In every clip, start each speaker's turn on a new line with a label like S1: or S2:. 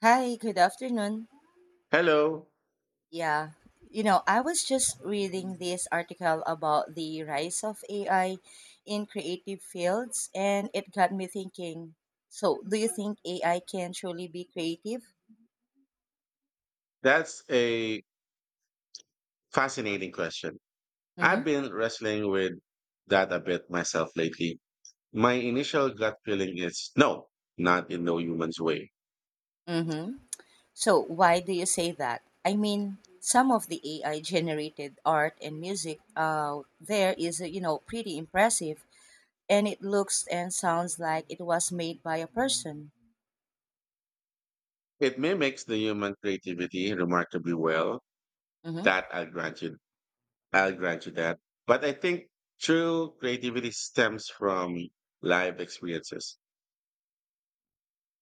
S1: Hi, good afternoon.
S2: Hello.
S1: Yeah, I was just reading this article about the rise of AI in creative fields, and it got me thinking. So, do you think AI can truly be creative?
S2: That's a fascinating question. I've
S1: Mm-hmm.
S2: been wrestling with that a bit myself lately. My initial gut feeling is no, not in no human's way.
S1: Mm-hmm. So, why do you say that? I mean, some of the AI generated art and music out there is, pretty impressive, and it looks and sounds like it was made by a person.
S2: It mimics the human creativity remarkably well.
S1: Mm-hmm.
S2: That I'll grant you. I'll grant you that. But I think true creativity stems from live experiences,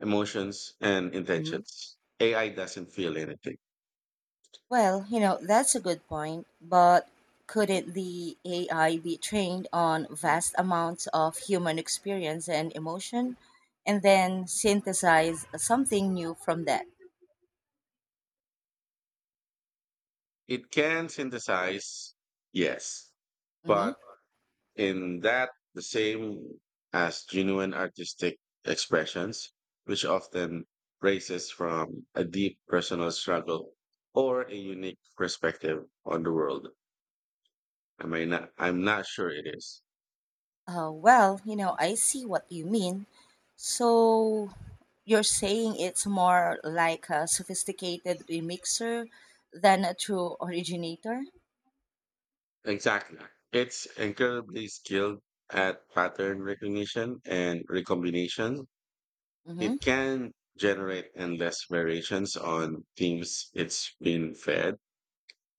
S2: emotions, and
S1: Mm-hmm.
S2: intentions. AI doesn't feel anything.
S1: Well, that's a good point, but couldn't the AI be trained on vast amounts of human experience and emotion and then synthesize something new from that?
S2: It can synthesize, yes,
S1: Hmm.
S2: but in that the same as genuine artistic expressions, which often raises from a deep personal struggle or a unique perspective on the world. I mean, I'm not sure it is.
S1: Well, I see what you mean. So you're saying it's more like a sophisticated remixer than a true originator?
S2: Exactly. It's incredibly skilled at pattern recognition and recombination. It
S1: Mm-hmm.
S2: can generate endless variations on themes it's been fed,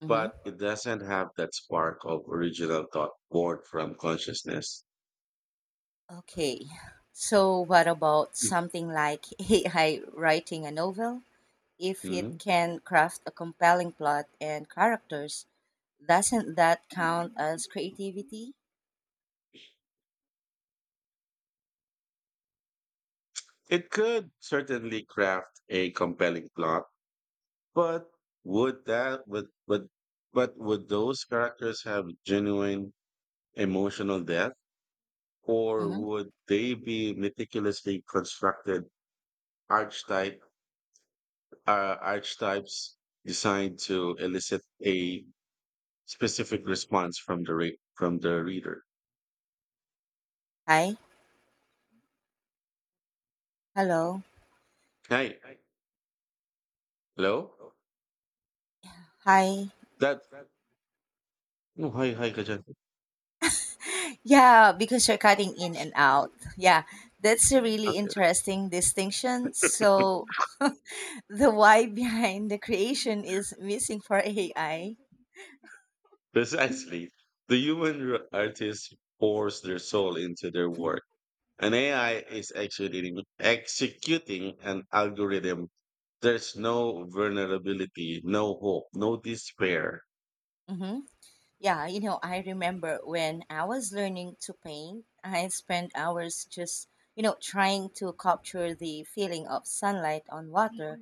S1: Mm-hmm.
S2: but it doesn't have that spark of original thought born from consciousness.
S1: Okay, so what about something like AI writing a novel? If it
S2: Mhm.
S1: can craft a compelling plot and characters, doesn't that count as creativity?
S2: It could certainly craft a compelling plot, but would that would but would those characters have genuine emotional depth, or
S1: Mm-hmm.
S2: would they be meticulously constructed archetype archetypes designed to elicit a specific response from the from the reader?
S1: Hi, hello,
S2: Hi, hello.
S1: hi.
S2: That no, hi, hi, Kajan.
S1: Yeah, because you're cutting in and out. Yeah, that's a really
S2: Okay,
S1: interesting distinction. So the why behind the creation is missing for AI.
S2: precisely. The artists pours their soul into their work. An AI is executing an algorithm. There's no vulnerability, no hope, no despair.
S1: Mhm. Yeah, I remember when I was learning to paint, I spent hours just, trying to capture the feeling of sunlight on water.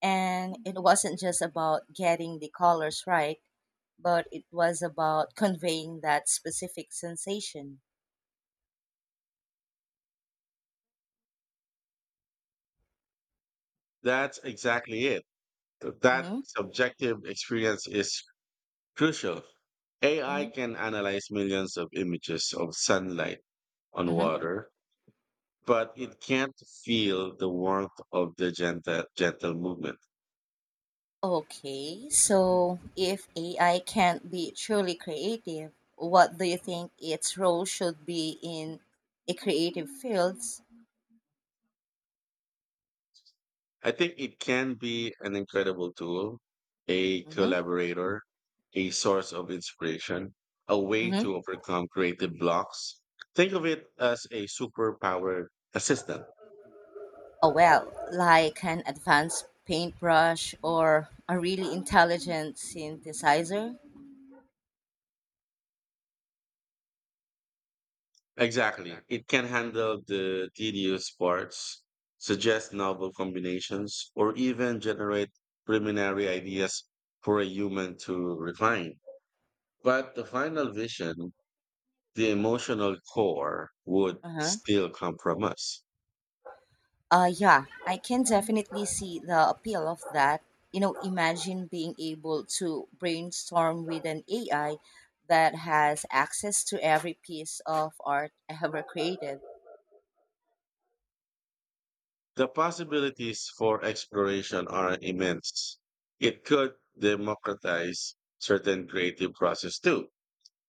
S1: And it wasn't just about getting the colors right, but it was about conveying that specific sensation.
S2: That's exactly it. That
S1: Mm-hmm.
S2: subjective experience is crucial.
S1: Mm-hmm.
S2: AI can analyze millions of images of sunlight on
S1: Mm-hmm.
S2: water, but it can't feel the warmth of the gentle movement.
S1: Okay, so if AI can't be truly creative, what do you think its role should be in a creative fields?
S2: I think it can be an incredible tool, a
S1: Mm-hmm.
S2: collaborator, a source of inspiration, a way
S1: Mm-hmm.
S2: to overcome creative blocks. Think of it as a superpowered assistant.
S1: Oh, well, like an advanced paintbrush or a really intelligent synthesizer.
S2: Exactly. It can handle the tedious parts, suggest novel combinations, or even generate preliminary ideas for a human to refine. But the final vision, the emotional core, would
S1: Uh-huh.
S2: still come from us.
S1: Yeah, I can definitely see the appeal of that. Imagine being able to brainstorm with an AI that has access to every piece of art ever created.
S2: The possibilities for exploration are immense. It could democratize certain creative process too,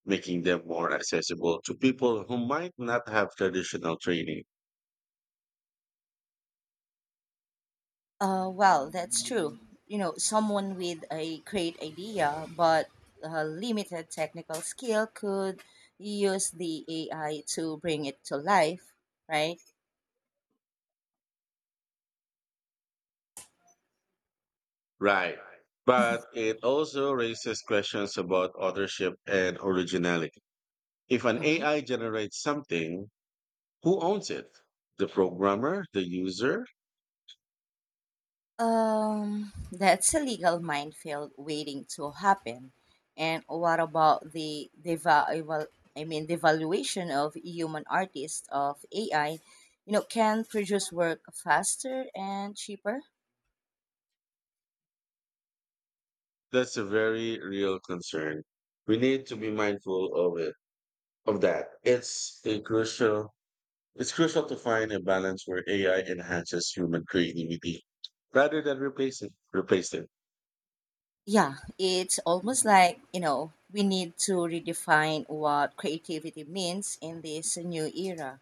S2: making them more accessible to people who might not have traditional training.
S1: Well, that's true. Someone with a great idea but limited technical skill could use the AI to bring it to life, right?
S2: Right. But it also raises questions about authorship and originality. If an
S1: Hmm.
S2: AI generates something, who owns it? The programmer, the user?
S1: That's a legal minefield waiting to happen. And what about the devaluation? I mean, devaluation of human artists of AI, can produce work faster and cheaper.
S2: That's a very real concern. We need to be mindful of it, of that. It's crucial to find a balance where AI enhances human creativity rather than replacing replace it.
S1: Yeah, it's almost like, we need to redefine what creativity means in this new era.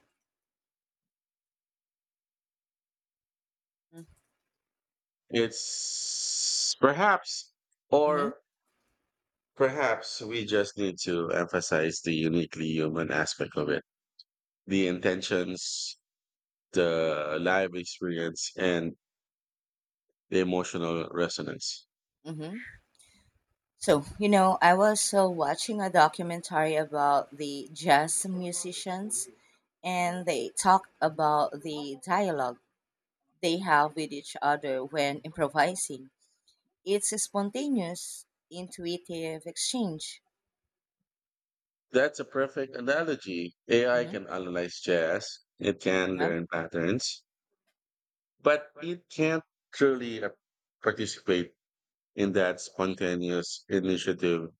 S2: It's perhaps
S1: Mm-hmm,
S2: or Perhaps we just need to emphasize the uniquely human aspect of it, the intentions, the live experience, and the emotional resonance.
S1: mm-hmm. So, I was watching a documentary about the jazz musicians, and they talked about the dialogue they have with each other when improvising. It's a spontaneous, intuitive exchange.
S2: That's a perfect analogy. AI
S1: Mm-hmm.
S2: can analyze jazz, it can learn patterns, but it can't truly participate in that spontaneous initiative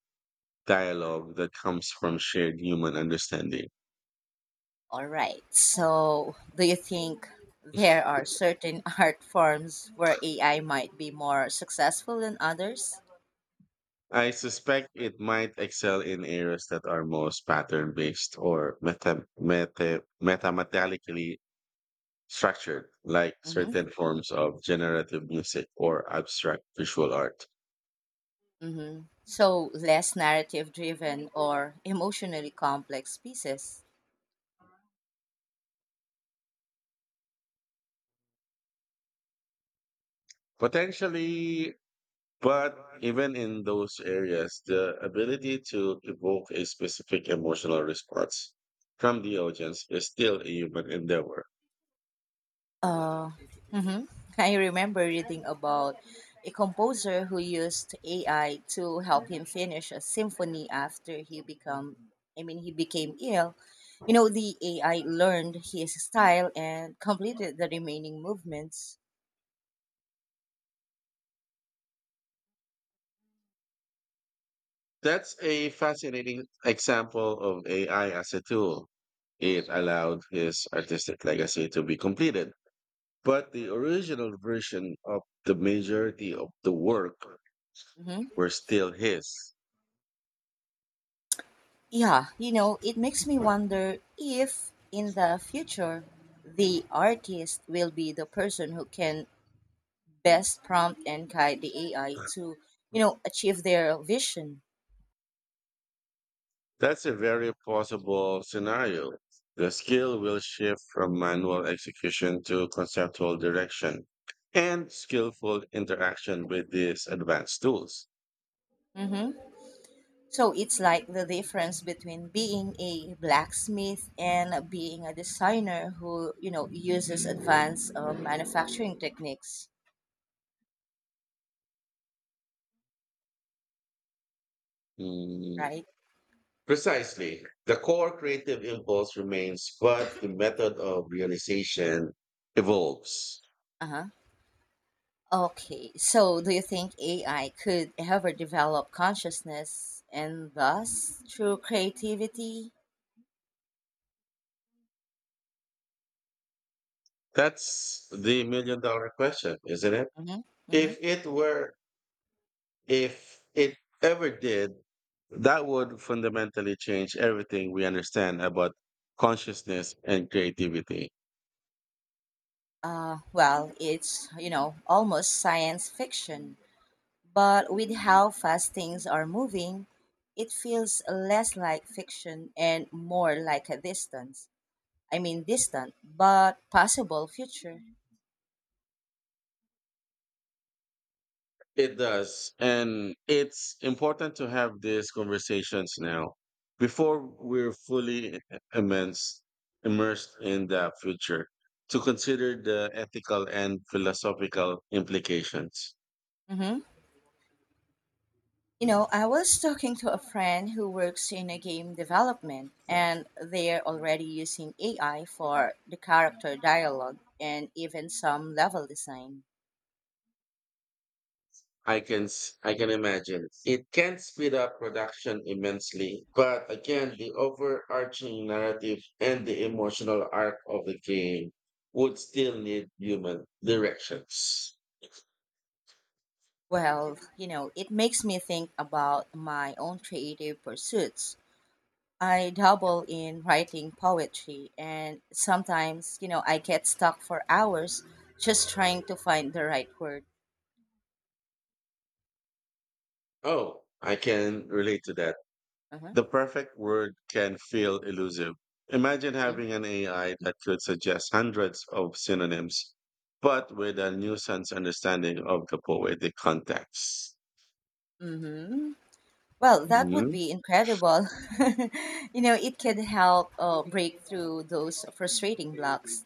S2: dialogue that comes from shared human understanding.
S1: All right. So, do you think there are certain art forms where AI might be more successful than others?
S2: I suspect it might excel in areas that are most pattern based or mathematically structured, like
S1: Mm-hmm.
S2: certain forms of generative music or abstract visual art.
S1: Mm-hmm. So, less narrative driven or emotionally complex pieces?
S2: Potentially, but even in those areas, the ability to evoke a specific emotional response from the audience is still a human endeavor.
S1: Uh, mhm. I remember reading about a composer who used AI to help him finish a symphony after he become I mean he became ill. The AI learned his style and completed the remaining movements.
S2: That's a fascinating example of AI as a tool. It allowed his artistic legacy to be completed, but the original version of the majority of the work
S1: Hmm.
S2: were still his.
S1: Yeah, it makes me wonder if in the future the artist will be the person who can best prompt and guide the AI to, achieve their vision.
S2: That's a very plausible scenario. The skill will shift from manual execution to conceptual direction and skillful interaction with these advanced tools.
S1: Hmm. So it's like the difference between being a blacksmith and being a designer who, uses advanced manufacturing techniques,
S2: Mm,
S1: right?
S2: precisely. The core creative impulse remains, but the method of realization evolves.
S1: Uh-huh. Okay. So do you think AI could ever develop consciousness and thus true creativity?
S2: That's the million dollar question, isn't it?
S1: Mm-hmm. Mm-hmm.
S2: If it were, if it ever did, that would fundamentally change everything we understand about consciousness and creativity.
S1: Well, it's, almost science fiction. But with how fast things are moving, it feels less like fiction and more like a distant, but possible future.
S2: It does. And it's important to have these conversations now before we're fully immense, immersed in the future to consider the ethical and philosophical implications.
S1: Hmm. I was talking to a friend who works in a game development, and they're already using AI for the character dialogue and even some level design.
S2: I can imagine it can speed up production immensely, but again, the overarching narrative and the emotional arc of the game would still need human directions.
S1: Well, it makes me think about my own creative pursuits. I dabble in writing poetry, and sometimes, I get stuck for hours just trying to find the right word.
S2: Oh, I can relate to that.
S1: Uh-huh.
S2: The perfect word can feel elusive. Imagine
S1: Mhm.
S2: having an AI that could suggest hundreds of synonyms, but with a nuanced understanding of the poetic context.
S1: Mm-hmm. Well, that would
S2: Mhm.
S1: be incredible. It can help break through those frustrating blocks,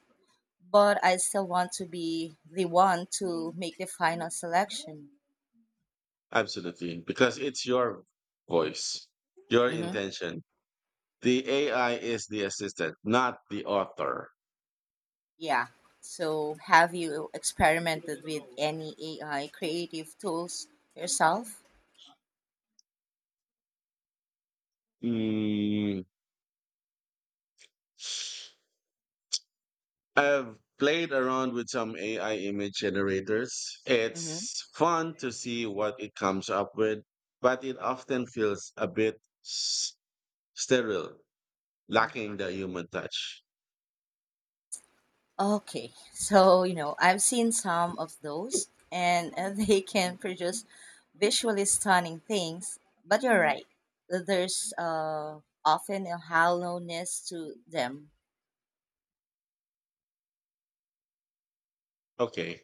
S1: but I still want to be the one to make the final selection.
S2: Absolutely. Because it's your voice, your
S1: Mm-hmm.
S2: intention. The AI is the assistant, not the author.
S1: Yeah. So, have you experimented with any AI creative tools yourself?
S2: Mm, I've played around with some AI image generators.
S1: Mm-hmm.
S2: It's fun to see what it comes up with, but it often feels a bit s- sterile,
S1: Mm-hmm.
S2: lacking the human touch.
S1: Okay, so I've seen some of those, and they can produce visually stunning things. But you're right, there's often a hollowness to them.
S2: Okay.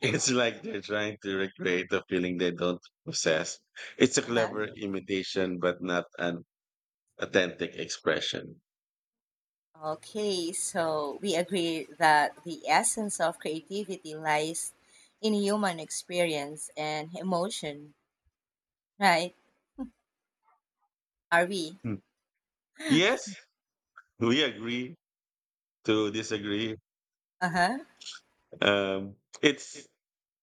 S2: It's like they're trying to recreate a feeling they don't possess. It's a
S1: Uh-huh.
S2: clever imitation, but not an authentic expression.
S1: Okay, so we agree that the essence of creativity lies in human experience and emotion, right? Are we?
S2: Hmm. Yes, we agree to disagree.
S1: Uh huh.
S2: Um, it's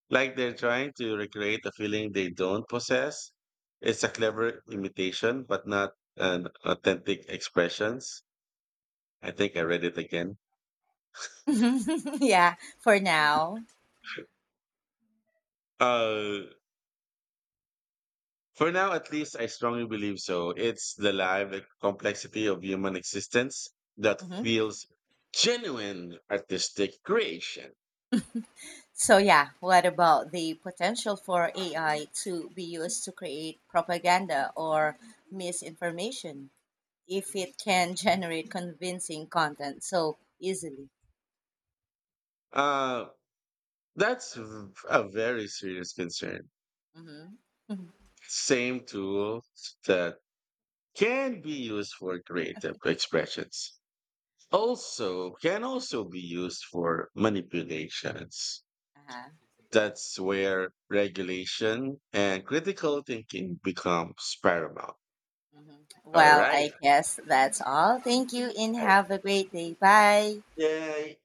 S2: like they're trying to recreate a feeling they don't possess. It's a clever imitation, but not an authentic expressions. I think I read it again.
S1: yeah, for now.
S2: Uh, For now, at least, I strongly believe so. It's the live complexity of human existence that
S1: Mm-hmm.
S2: feels genuine artistic creation.
S1: So yeah, what about the potential for AI to be used to create propaganda or misinformation if it can generate convincing content so easily?
S2: Uh, a very serious concern.
S1: Hmm.
S2: Same tools that can be used for creative expressions also can also be used for manipulations.
S1: Uh-huh.
S2: That's where regulation and critical thinking becomes paramount. All
S1: Well,
S2: right.
S1: I guess that's all. Thank you and have a great day. Bye.
S2: 耶！